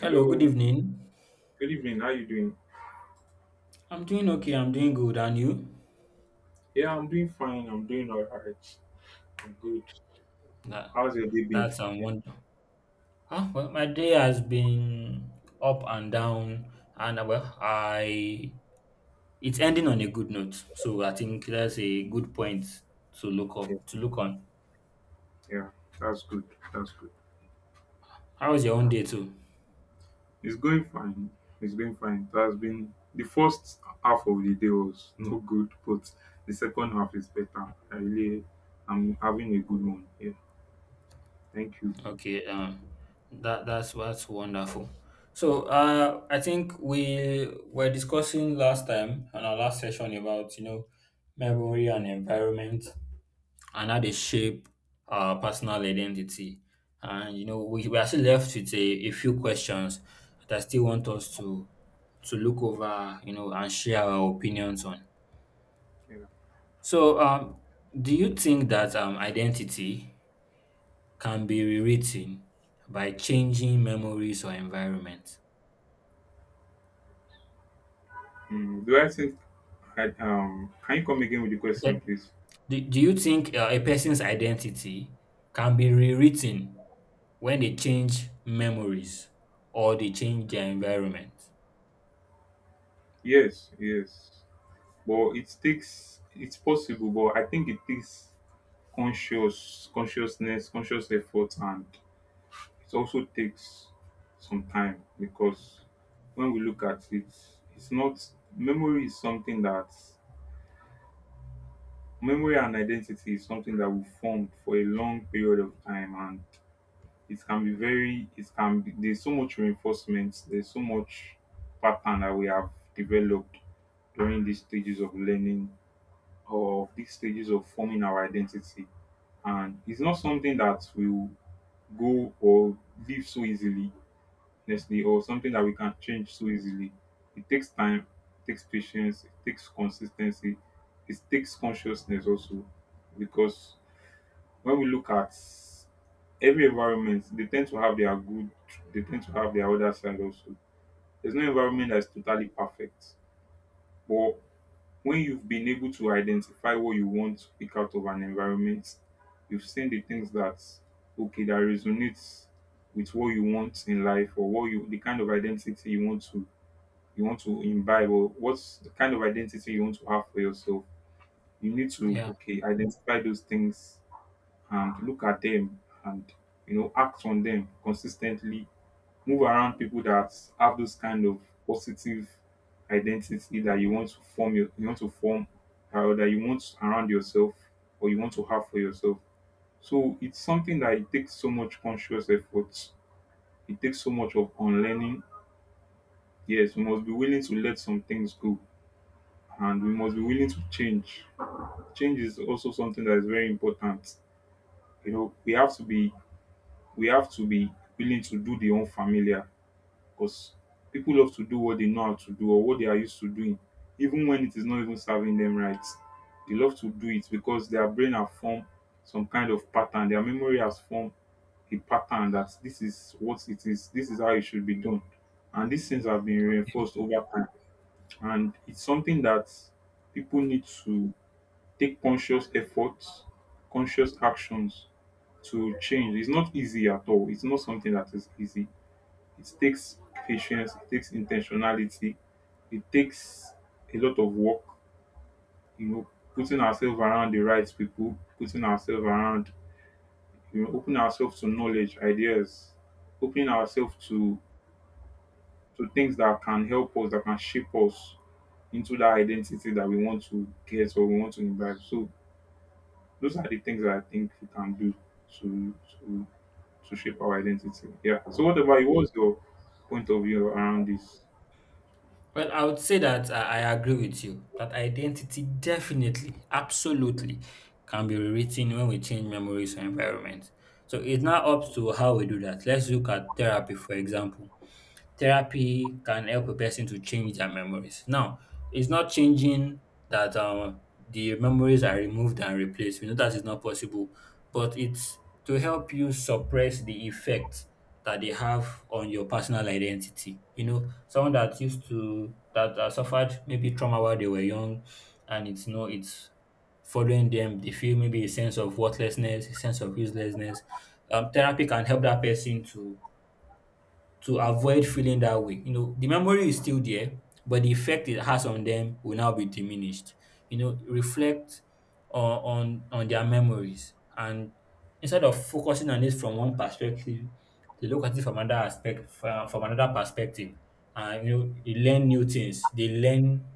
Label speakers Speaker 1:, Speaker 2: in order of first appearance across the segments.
Speaker 1: Hello, good evening.
Speaker 2: good evening. How you doing?
Speaker 1: I'm doing okay. I'm doing good. And you?
Speaker 2: Yeah, I'm doing fine. I'm doing all right. I'm good.
Speaker 1: That
Speaker 2: How's your day been?
Speaker 1: that's a
Speaker 2: Yeah,
Speaker 1: wonder. Ah, well, my day has been up and down, and well, I it's ending on a good note. So I think that's a good point to look
Speaker 2: yeah,
Speaker 1: up to look on.
Speaker 2: yeah. That's good. That's good.
Speaker 1: How was your own day too?
Speaker 2: It's going fine. It's going fine. It has been the first half of the day was no good, but the second half is better. I really, I'm having a good one. Yeah, thank you.
Speaker 1: Okay, um, that's wonderful. So I think we were discussing last time on our last session about memory and environment, and how they shape our personal identity. And you know, we are still left with a few questions that I still want us to look over, you know, and share our opinions on.
Speaker 2: Yeah.
Speaker 1: So, do you think that identity can be rewritten by changing memories or environment?
Speaker 2: Mm, do I think? I, can you come again with the question,
Speaker 1: Okay.
Speaker 2: please?
Speaker 1: Do you think a person's identity can be rewritten when they change memories or they change their environment?
Speaker 2: Yes, yes. But it takes. It's possible, but I think it takes conscious effort, and it also takes some time. Because when we look at it it's not memory is something that, memory and identity is something that we formed for a long period of time. And it can be very, it can be, there's so much reinforcement, there's so much pattern that we have developed during these stages of learning, or these stages of forming our identity. And it's not something that we go or leave so easily, honestly, or something that we can change so easily. It takes time, it takes patience, it takes consistency, it takes consciousness also. Because when we look at every environment, they tend to have their good, they tend to have their other side also. There's no environment that's totally perfect. But when you've been able to identify what you want to pick out of an environment, you've seen the things that, okay, that resonates with what you want in life, or what you, the kind of identity you want to, you want to imbibe, or what's the kind of identity you want to have for yourself. You need to,
Speaker 1: Yeah.
Speaker 2: okay, identify those things and look at them, and, you know, act on them consistently, move around people that have those kind of positive identity that you want to form your, you want to form, or that you want around yourself, or you want to have for yourself. So it's something that, it takes so much conscious effort, it takes so much of unlearning. Yes, we must be willing to let some things go, and we must be willing to change. Change is also something that is very important. You know, we have to be, we have to be willing to do the unfamiliar. Because people love to do what they know how to do, or what they are used to doing, even when it is not even serving them right. They love to do it because their brain have formed some kind of pattern, their memory has formed a pattern that this is what it is, this is how it should be done. And these things have been reinforced over time. And it's something that people need to take conscious efforts, conscious actions to change. It's not easy at all. It's not something that is easy. It takes patience, it takes intentionality, it takes a lot of work, you know, putting ourselves around the right people, putting ourselves around, you know, opening ourselves to knowledge, ideas, opening ourselves to things that can help us, that can shape us into that identity that we want to get or we want to imbibe. So those are the things that I think we can do to to to shape our identity. Yeah. So what about you? What's your point of view around this?
Speaker 1: Well, I would say that I agree with you that identity definitely, absolutely can be rewritten when we change memories or environment. So it's now up to how we do that. Let's look at therapy, for example. Therapy can help a person to change their memories. Now, it's not changing that the memories are removed and replaced. We know that is not possible, but it's to help you suppress the effect that they have on your personal identity. You know, someone that used to that suffered maybe trauma while they were young, and it's no, it's following them. They feel maybe a sense of worthlessness, a sense of uselessness. Therapy can help that person to avoid feeling that way. You know, the memory is still there, but the effect it has on them will now be diminished. You know, reflect on their memories, and instead of focusing on it from one perspective, they look at it from another aspect, from another perspective. And you know, they learn new things. They learn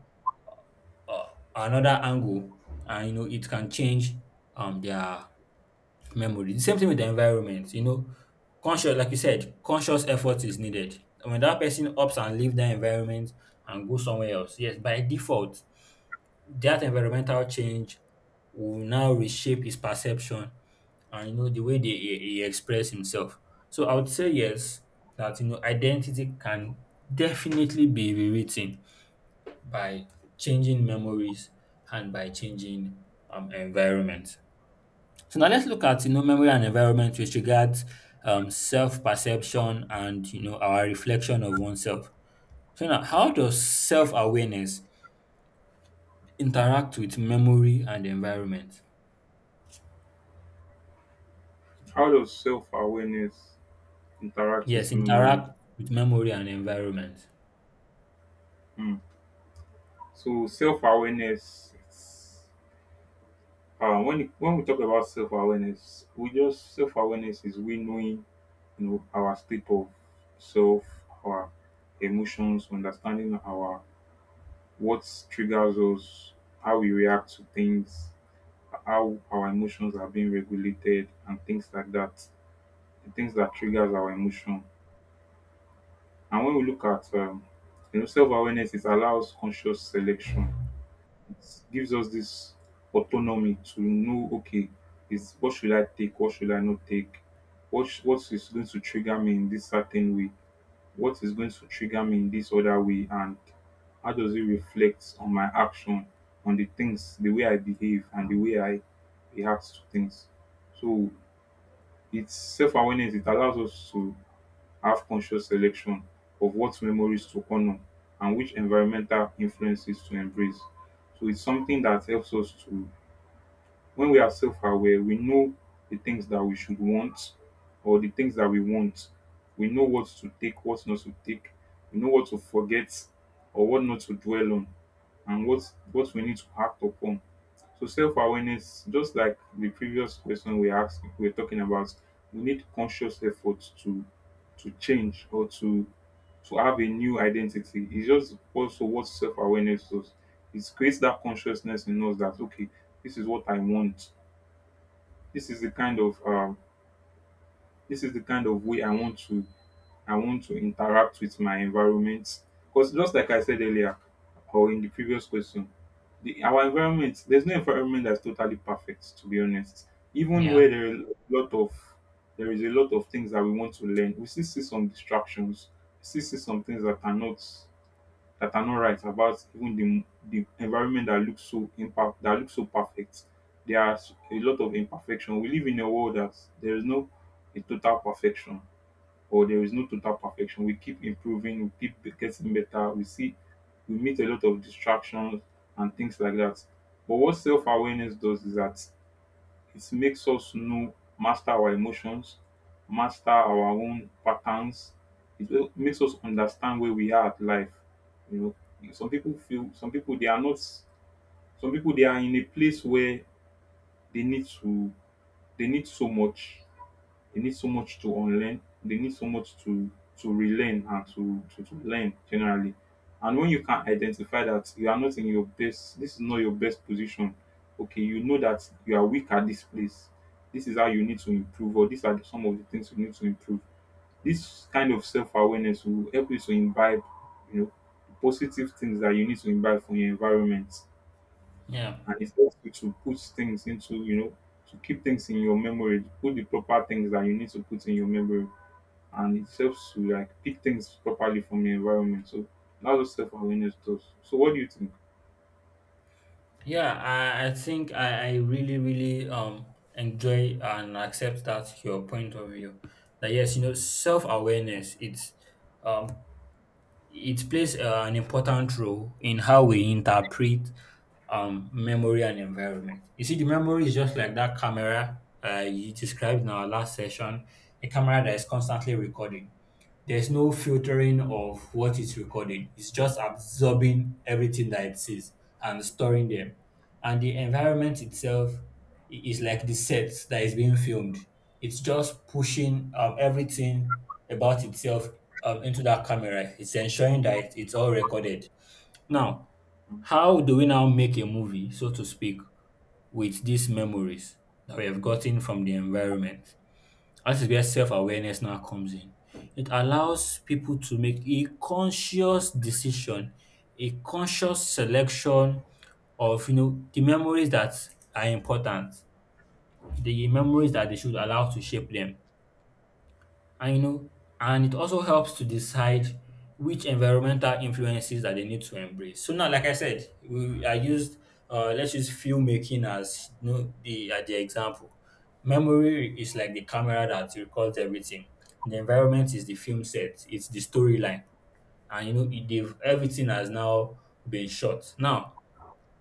Speaker 1: another angle, and you know, it can change their memory. The same thing with the environment, you know, conscious, like you said, conscious effort is needed. When that person opts and leave that environment and go somewhere else, yes, by default, that environmental change will now reshape his perception and you know the way he express himself. So I would say yes, that you know identity can definitely be rewritten by changing memories and by changing environment. So now let's look at you know memory and environment with regards self-perception and you know our reflection of oneself. So now, how does self-awareness interact with memory and environment?
Speaker 2: How does self-awareness interact
Speaker 1: Yes,
Speaker 2: with memory?
Speaker 1: interact with memory and environment.
Speaker 2: Hmm. So self-awareness, when we talk about self-awareness, we just self-awareness is, we knowing, you know, our state of self, our emotions, understanding our, what triggers us, how we react to things, how our emotions are being regulated, and things like that. The things that triggers our emotion. And when we look at you know, self awareness, it allows conscious selection. It gives us this autonomy to know, okay, is what should I take, what should I not take, what is going to trigger me in this certain way, what is going to trigger me in this other way, and how does it reflect on my action, on the things, the way I behave, and the way I react to things. So it's self awareness. It allows us to have conscious selection of what memories to honor and which environmental influences to embrace. So it's something that helps us to, when we are self aware, we know the things that we should want, or the things that we want. We know what to take, what not to take. We know what to forget or what not to dwell on, and what we need to act upon. So self-awareness, just like the previous question we asked, we we're talking about, we need conscious effort to change, or to have a new identity. It's just also what self-awareness does. It creates that consciousness in us that, okay, this is what I want. This is the kind of this is the kind of way I want to, I want to interact with my environment. Because, just like I said earlier, or in the previous question, our environment, there's no environment that's totally perfect, to be honest. Even where
Speaker 1: Yeah,
Speaker 2: there are a lot of there is a lot of things that we want to learn, we still see some distractions, we still see some things that are not, that are not right about even the environment that looks so imperfect, that looks so perfect. A lot of imperfection. We live in a world that there is no, a total perfection, or there is no total perfection. We keep improving, we keep getting better. We meet a lot of distractions and things like that. But what self awareness does is that it makes us know, master our emotions, master our own patterns. Makes us understand where we are at life. You know, some people feel, some people they are not, some people they are in a place where they need to, they need so much, they need so much to unlearn. They need so much to relearn, and to learn generally. And when you can identify that you are not in your best, this is not your best position. Okay, you know that you are weak at this place. This is how you need to improve, or these are some of the things you need to improve. This kind of self awareness will help you to imbibe, you know, positive things that you need to imbibe from your environment,
Speaker 1: yeah,
Speaker 2: and it helps you to put things into, you know, to keep things in your memory, put the proper things that you need to put in your memory, and it helps to like pick things properly from the environment. So that's what self-awareness does. So what do you think?
Speaker 1: yeah. I think I really really enjoy and accept that your point of view. That yes, you know, self-awareness. Um it plays an important role in how we interpret memory and environment. You see, the memory is just like that camera you described in our last session, a camera that is constantly recording. There's no filtering of what it's recording. It's just absorbing everything that it sees and storing them. And the environment itself is like the set that is being filmed. It's just pushing everything about itself into that camera. It's ensuring that it's all recorded. Now,
Speaker 2: Mm,
Speaker 1: how do we now make a movie, so to speak, with these memories that we have gotten from the environment? That is where self awareness now comes in. It allows people to make a conscious decision, a conscious selection of you know the memories that are important, the memories that they should allow to shape them. And you know, and it also helps to decide which environmental influences that they need to embrace. So now, like I said, we, I used let's use filmmaking as you know, the as the example. Memory is like the camera that records everything. The environment is the film set. It's the storyline, and you know everything has now been shot. Now,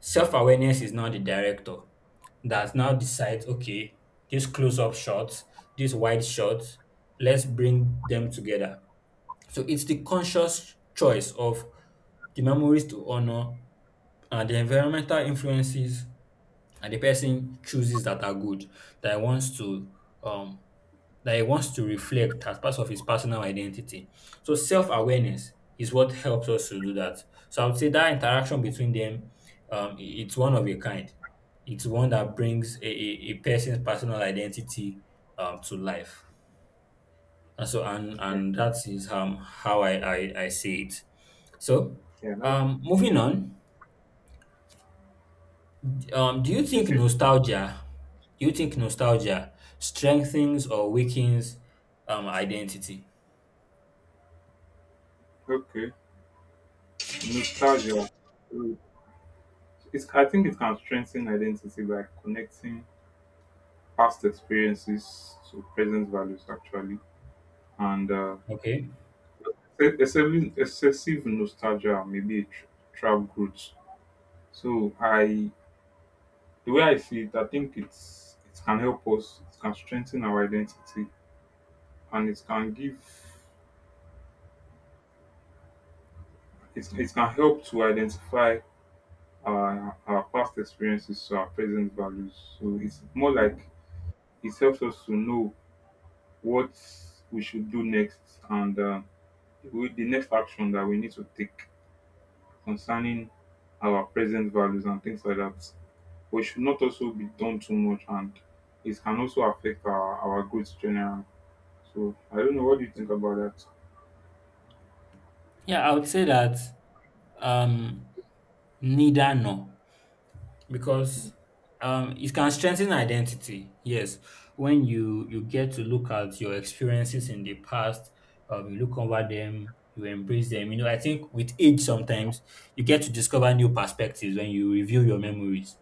Speaker 1: self awareness is now the director that now decides, okay, this close up shots, this wide shots, let's bring them together. So it's the conscious choice of the memories to honor and the environmental influences and the person chooses that are good that he wants to um reflect as part of his personal identity. So self awareness is what helps us to do that. So I would say that interaction between them, um, it's one of a kind. It's one that brings a person's personal identity to life. And so
Speaker 2: okay,
Speaker 1: and that is how I see it. So
Speaker 2: yeah that,
Speaker 1: moving on, um do you think
Speaker 2: okay.
Speaker 1: nostalgia do you think nostalgia strengthens or weakens identity?
Speaker 2: Okay, nostalgia. Mm, it's, I think it can strengthen identity by connecting past experiences to present values, actually. And
Speaker 1: Okay.
Speaker 2: excessive nostalgia may be a trap route. So I, the way I see it, I think it's, it can help us, it can strengthen our identity. And it can give, it can help to identify our past experiences to our present values. So it's more like it helps us to know what we should do next, and with the next action that we need to take concerning our present values and things like that. We should not also be done too much, and it can also affect our growth generally. So I don't know. What do you think about that?
Speaker 1: Yeah, I would say that um, neither nor, because it can strengthen identity. Yes, when you get to look at your experiences in the past, you look over them, you embrace them. You know, I think with age sometimes you get to discover new perspectives when you review your memories,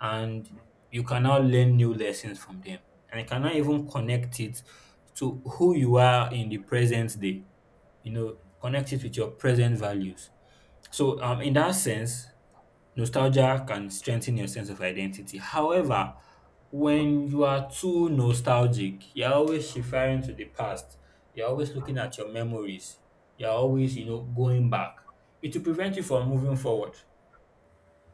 Speaker 1: and you can now learn new lessons from them, and you cannot even connect it to who you are in the present day. You know, connect it with your present values, so, in that sense, nostalgia can strengthen your sense of identity. However, when you are too nostalgic, you're always referring to the past. You're always looking at your memories. You're always, you know, going back. It will prevent you from moving forward.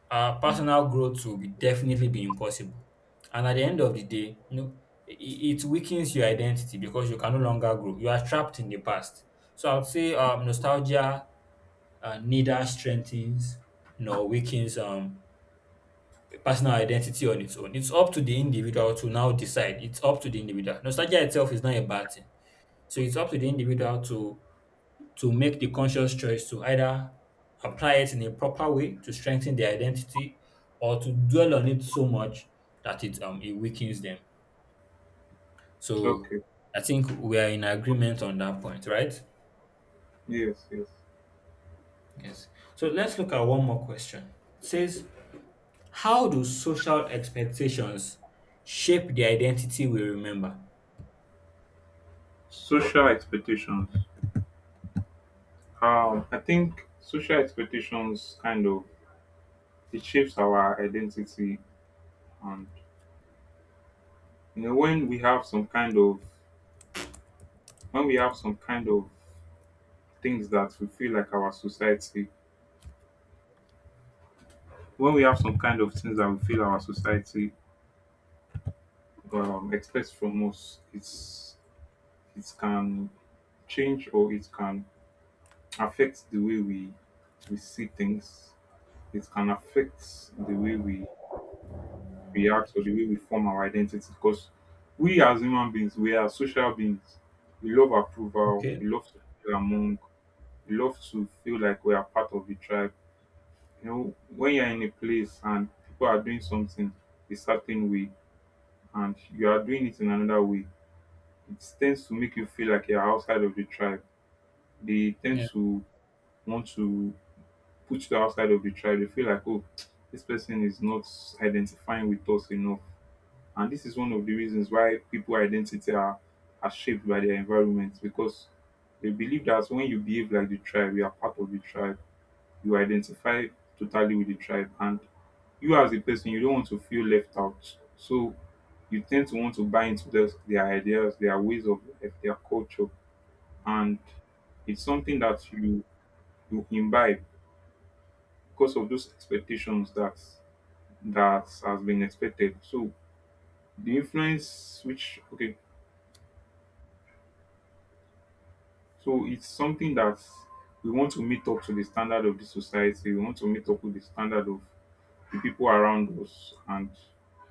Speaker 1: Our
Speaker 2: Mm.
Speaker 1: personal growth will be definitely be impossible. And at the end of the day, you know, it, it weakens your identity because you can no longer grow. You are trapped in the past. So I would say nostalgia and neither strengthens nor weakens personal identity on its own. It's up to the individual to now decide. It's up to the individual. Nostalgia itself is not a bad thing. So it's up to the individual to make the conscious choice to either apply it in a proper way to strengthen their identity or to dwell on it so much that it weakens them. So
Speaker 2: Okay.
Speaker 1: I think we are in agreement on that point, right?
Speaker 2: Yes, yes.
Speaker 1: Yes. So let's look at one more question. It says, how do social expectations shape the identity we remember?
Speaker 2: Social expectations. I think social expectations kind of, it shapes our identity. And you know, when we have some kind of, when we have some kind of things that we feel like our society, when we have some kind of things that we feel our society expects from us, it's, it can change, or it can affect the way we see things. It can affect the way we react, or the way we form our identity. Because we, as human beings, we are social beings. We love approval,
Speaker 1: Okay.
Speaker 2: we love to feel among, we love to feel like we are part of the tribe. You know, when you're in a place and people are doing something a certain way, and you are doing it in another way, it tends to make you feel like you're outside of the tribe. They tend
Speaker 1: Yeah.
Speaker 2: to want to put you outside of the tribe. They feel like, oh, this person is not identifying with us enough. And this is one of the reasons why people identity are shaped by their environment. Because they believe that when you behave like the tribe, you are part of the tribe. You identify totally with the tribe. And you as a person, you don't want to feel left out. So you tend to want to buy into their ideas, their ways of life, their culture. And it's something that you imbibe because of those expectations that has been expected. So the influence which okay So it's something that we want to meet up to the standard of the society. We want to meet up with the standard of the people around us and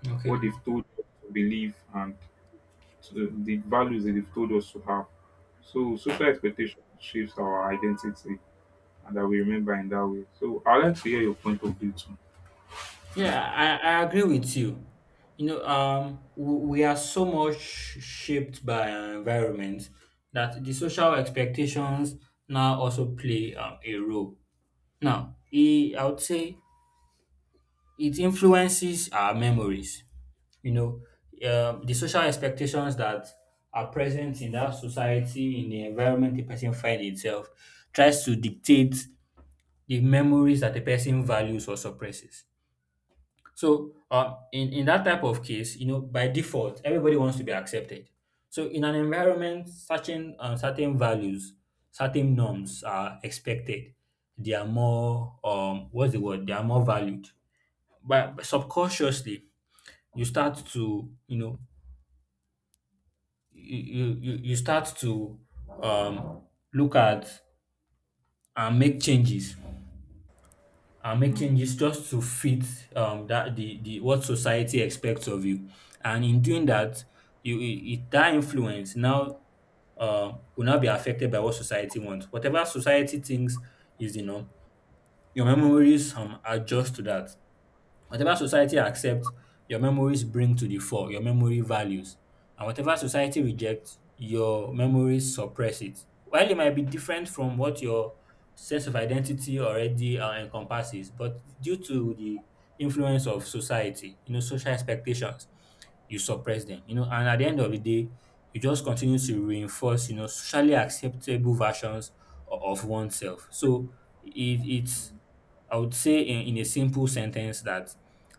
Speaker 1: Okay.
Speaker 2: what they've told us to believe and the values that they've told us to have. So social expectation shapes our identity and that we remember in that way. So I'd like to hear your point of view too.
Speaker 1: Yeah, I agree with you. You know, um, we are so much shaped by our environment that the social expectations now also play a role. Now, I would say it influences our memories. You know, the social expectations that are present in that society, in the environment the person find itself, tries to dictate the memories that the person values or suppresses. So in that type of case, you know, by default everybody wants to be accepted, so in an environment certain certain values, certain norms are expected. They are more what's the word they are more valued, but subconsciously you start to you know you start to um look at and make changes, and make
Speaker 2: Mm,
Speaker 1: changes just to fit that the what society expects of you. And in doing that that influence now will not be affected by what society wants. Whatever society thinks is the norm, your memories adjust to that. Whatever society accepts, your memories bring to the fore your memory values, and whatever society rejects, your memories suppress it. While it might be different from what your sense of identity already encompasses, but due to the influence of society, you know, social expectations, you suppress them, you know. And at the end of the day, you just continue to reinforce, you know, socially acceptable versions of oneself. So it, it's, I would say, in a simple sentence, that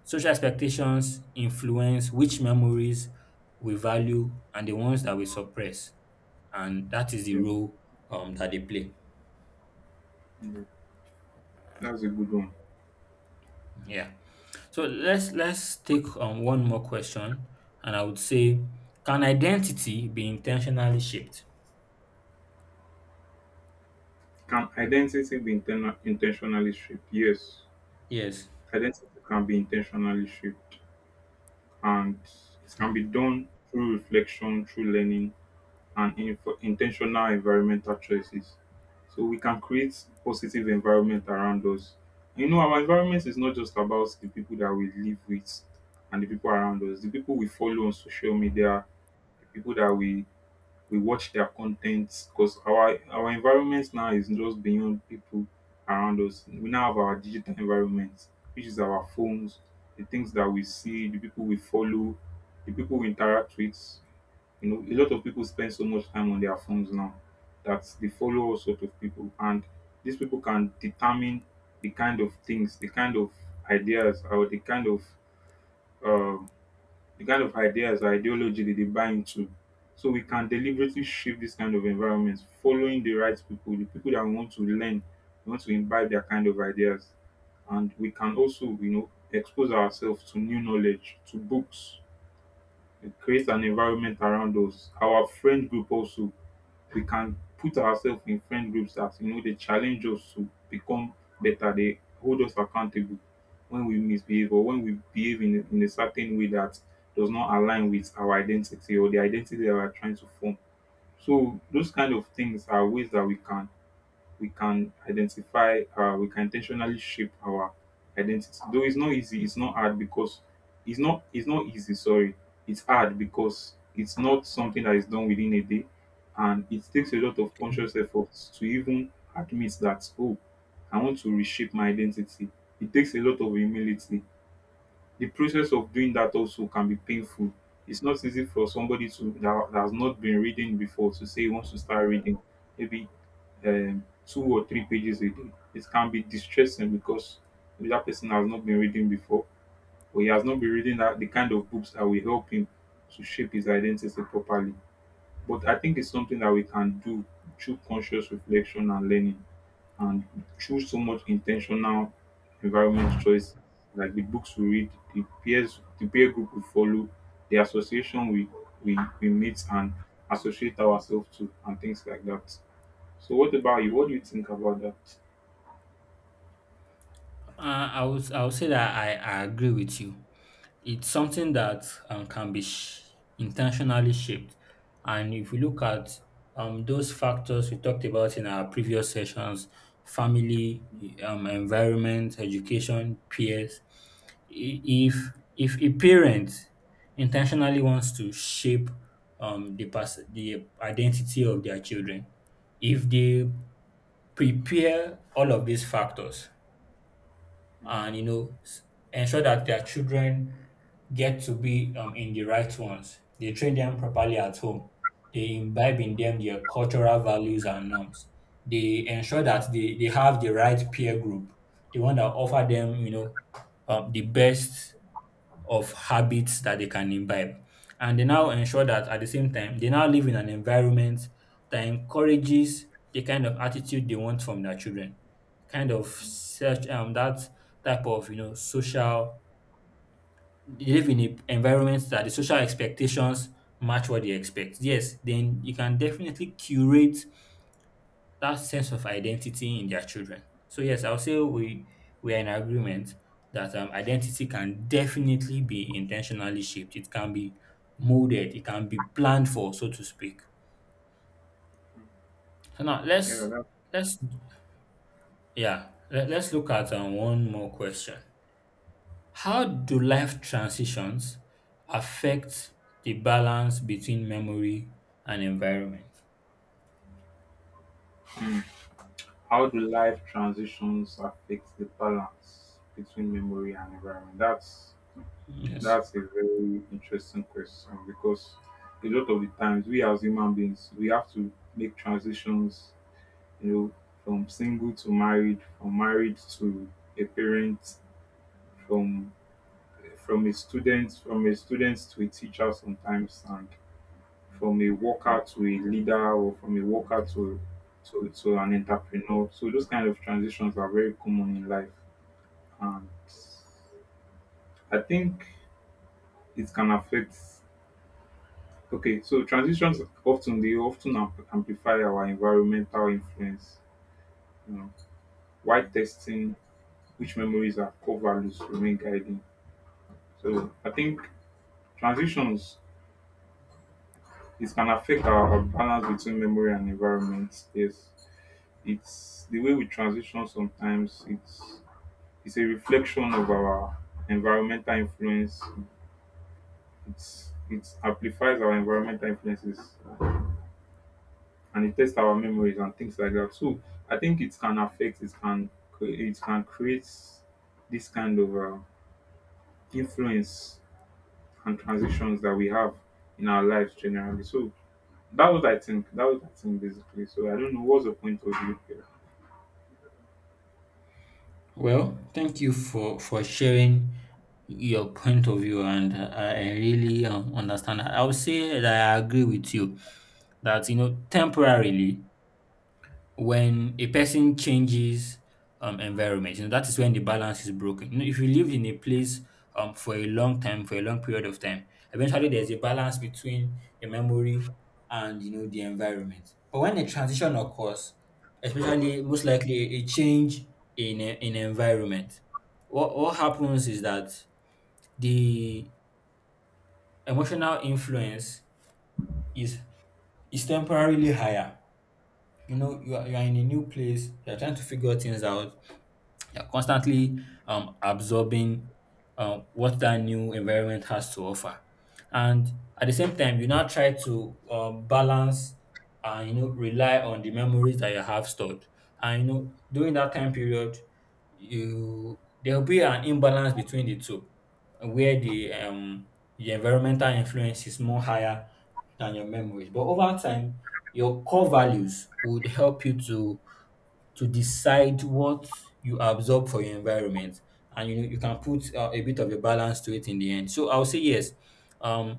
Speaker 1: social expectations influence which memories we value and the ones that we suppress, and that is the
Speaker 2: yeah,
Speaker 1: role that they play.
Speaker 2: yeah, that's a good one.
Speaker 1: Yeah. So let's take one more question, and I would say, can identity be intentionally shaped?
Speaker 2: Can identity be intentionally shaped? Yes,
Speaker 1: Yes,
Speaker 2: identity can be intentionally shaped. And it can be done through reflection, through learning, and intentional environmental choices. So we can create positive environment around us. You know, our environment is not just about the people that we live with and the people around us, the people we follow on social media, the people that we watch their contents because our environment now is just beyond people around us. We now have our digital environment, which is our phones, the things that we see, the people we follow, the people we interact with. You know, a lot of people spend so much time on their phones now that they follow all sorts of people, and these people can determine the kind of things, the kind of ideas, or um, the kind of ideas or ideology that they buy into. So we can deliberately shift this kind of environment, following the right people, the people that want to learn, want to imbibe their kind of ideas. And we can also, you know, expose ourselves to new knowledge, to books, it creates an environment around us. Our friend group also, we can put ourselves in friend groups that, you know, they challenge us to become better. They hold us accountable when we misbehave or when we behave in a certain way that does not align with our identity or the identity that we are trying to form. So those kind of things are ways that we can intentionally shape our identity, though it's not easy, it's not hard, because it's not easy, sorry, it's hard, because it's not something that is done within a day, and it takes a lot of conscious efforts to even admit that, oh, I want to reshape my identity. It takes a lot of humility. The process of doing that also can be painful. It's not easy for somebody that has not been reading before to say he wants to start reading, maybe two or three pages a day. It can be distressing because maybe that person has not been reading before, or he has not been reading that the kind of books that will help him to shape his identity properly. But I think it's something that we can do through conscious reflection and learning. And through so much intentional environment choice, like the books we read, the peers, the peer group we follow, the association we meet and associate ourselves to, and things like that. So, what about you? What do you think about that?
Speaker 1: I would say that I agree with you. It's something that can be intentionally shaped, and if we look at those factors we talked about in our previous sessions, family, environment, education, peers. i- If if a parent intentionally wants to shape the identity of their children, if they prepare all of these factors and you know ensure that their children get to be in the right ones. They train them properly at home. They imbibe in them their cultural values and norms. They ensure that they have the right peer group, the one that offer them, you know, the best of habits that they can imbibe. And they now ensure that at the same time, they now live in an environment that encourages the kind of attitude they want from their children. Kind of such that type of social, they live in a environment that the social expectations match what they expect. Yes, then you can definitely curate that sense of identity in their children. So yes, I'll say we are in agreement that identity can definitely be intentionally shaped. It can be molded. It can be planned for, so to speak. So now
Speaker 2: Yeah, that
Speaker 1: let's let us look at one more question. How do life transitions affect the balance between memory and environment?
Speaker 2: how do life transitions affect the balance between memory and environment? That's
Speaker 1: Yes.
Speaker 2: that's a very interesting question because a lot of the times we as human beings we have to make transitions, you know, from single to married, from married to a parent, from from a student, from a student to a teacher sometimes, and from a worker to a leader, or from a worker to an entrepreneur. So those kind of transitions are very common in life, and I think it can affect. Okay, so transitions often they often amplify our environmental influence. You know, why testing which memories and core values remain guiding. So I think transitions it can affect our balance between memory and environment. Yes, it's the way we transition sometimes. It's a reflection of our environmental influence. It amplifies our environmental influences and it tests our memories and things like that. So I think it can affect. It can create this kind of influence and transitions that we have in our lives generally. So that was I think basically. So I don't know what's the point of you here.
Speaker 1: Well, thank you for sharing your point of view, and I really understand. I would say that I agree with you that temporarily, when a person changes environment, you know, that is when the balance is broken. You know, if you live in a place for a long time, for a long period of time, eventually there's a balance between the memory and, you know, the environment. But when a transition occurs, especially most likely a change in environment, what happens is that the emotional influence is is temporarily higher. You know, you are in a new place, you are trying to figure things out. You're constantly absorbing what that new environment has to offer. And at the same time, you now try to, balance and, you know, rely on the memories that you have stored. And you know, during that time period, you there will be an imbalance between the two, where the environmental influence is more higher than your memories. But over time, your core values would help you to decide what you absorb for your environment, and you know, you can put a bit of a balance to it in the end. So I'll say yes, um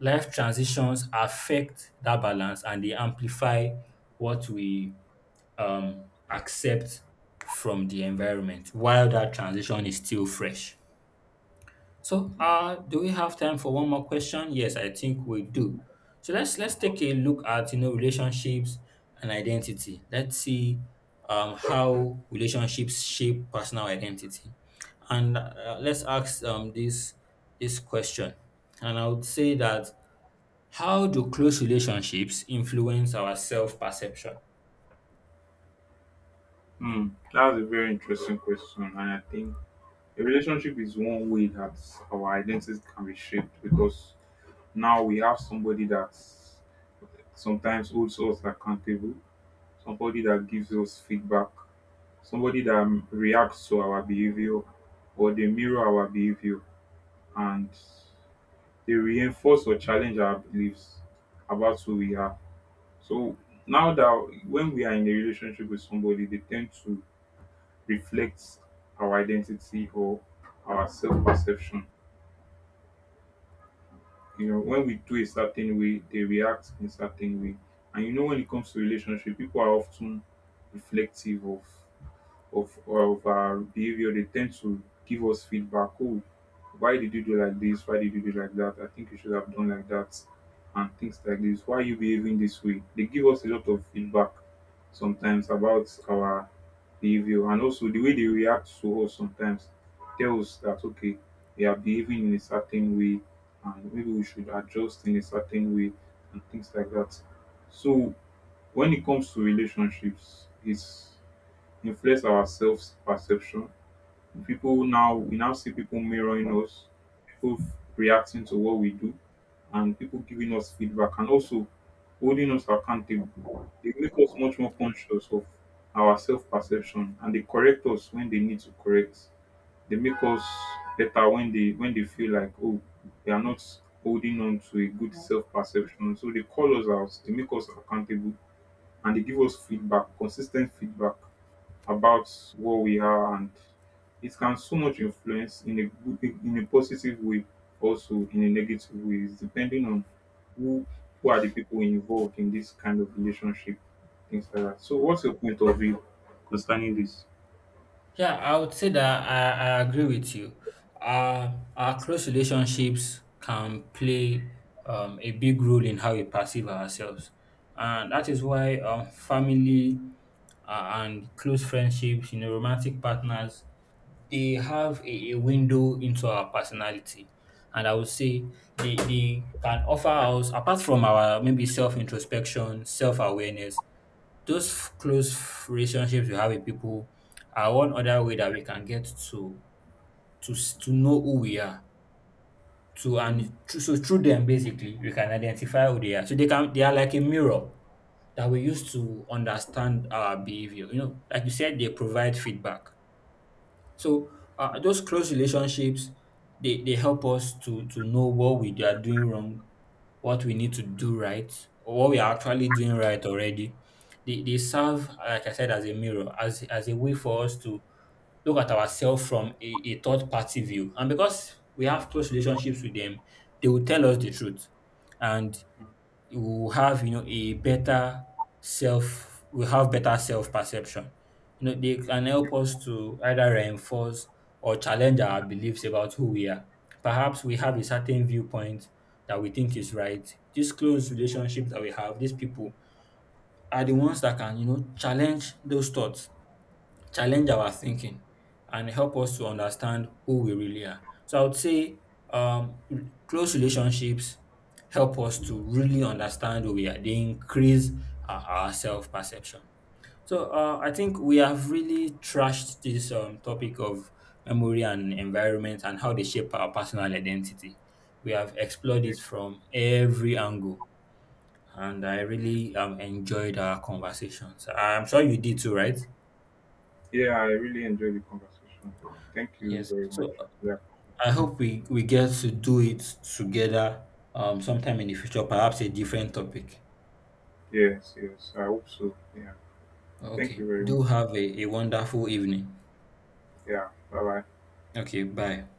Speaker 1: life transitions affect that balance, and they amplify what we accept from the environment while that transition is still fresh. So, do we have time for one more question? Yes, I think we do. So let's take a look at, you know, relationships and identity. Let's see how relationships shape personal identity, and let's ask, this question. And I would say that, how do close relationships influence our self perception?
Speaker 2: Hmm. That's a very interesting question, and I think a relationship is one way that our identities can be shaped because now we have somebody that sometimes holds us accountable, somebody that gives us feedback, somebody that reacts to our behavior, or they mirror our behavior, and they reinforce or challenge our beliefs about who we are. So now that when we are in a relationship with somebody, they tend to reflect our identity or our self perception. You know, when we do a certain way, they react in a certain way. And you know, when it comes to relationship, people are often reflective of our behavior, they tend to give us feedback. Oh, why did you do like this? Why did you do like that? I think you should have done like that, and things like this. Why are you behaving this way? They give us a lot of feedback sometimes about our behavior, and also the way they react to us sometimes tells that, okay, they are behaving in a certain way and maybe we should adjust in a certain way and things like that. So when it comes to relationships, it's influence our self perception. People now we now see people mirroring us, people reacting to what we do, and people giving us feedback and also holding us accountable. They make us much more conscious of our self perception and they correct us when they need to correct. They make us better when they feel like, oh, they are not holding on to a good self perception. So they call us out, they make us accountable and they give us feedback, consistent feedback about what we are, and it can so much influence in a positive way, also in a negative way, depending on who who are the people involved in this kind of relationship, things like that. So what's your point of view concerning this?
Speaker 1: Yeah, I would say that I agree with you. Our close relationships can play, a big role in how we perceive ourselves. And that is why, family, and close friendships, you know, romantic partners, they have a window into our personality. And I would say they can offer us, apart from our maybe self introspection, self awareness, close relationships we have with people are one other way that we can get to to know who we are. To
Speaker 2: Mm,
Speaker 1: and through, so through them basically we can identify who they are. So they are like a mirror that we use to understand our behavior. You know, like you said, they provide feedback. So those close relationships, they help us to know what we are doing wrong, what we need to do right, or what we are actually doing right already. They serve, like I said, as a mirror, as a way for us to look at ourselves from a third party view. And because we have close relationships with them, they will tell us the truth. And you will have, you know, a better self we have better self perception. You know, they can help us to either reinforce or challenge our beliefs about who we are. Perhaps we have a certain viewpoint that we think is right. These close relationships that we have, these people, are the ones that can, you know, challenge those thoughts, challenge our thinking, and help us to understand who we really are. So I would say, um, r- close relationships help us to really understand who we are. They increase our self perception. So I think we have really trashed this, topic of memory and environment, and how they shape our personal identity. We have explored
Speaker 2: yeah,
Speaker 1: it from every angle, and I
Speaker 2: Mm.
Speaker 1: really enjoyed our conversations. I'm sure you did too, right?
Speaker 2: Yeah, I really enjoyed the conversation, thank you
Speaker 1: Yes.
Speaker 2: very much.
Speaker 1: So
Speaker 2: Yeah.
Speaker 1: I hope we get to do it together sometime in the future, perhaps a different topic.
Speaker 2: Yes, yes, I hope so, yeah. Thank
Speaker 1: Okay.
Speaker 2: you very much.
Speaker 1: Do have a wonderful evening.
Speaker 2: Yeah, bye bye.
Speaker 1: Okay. Bye.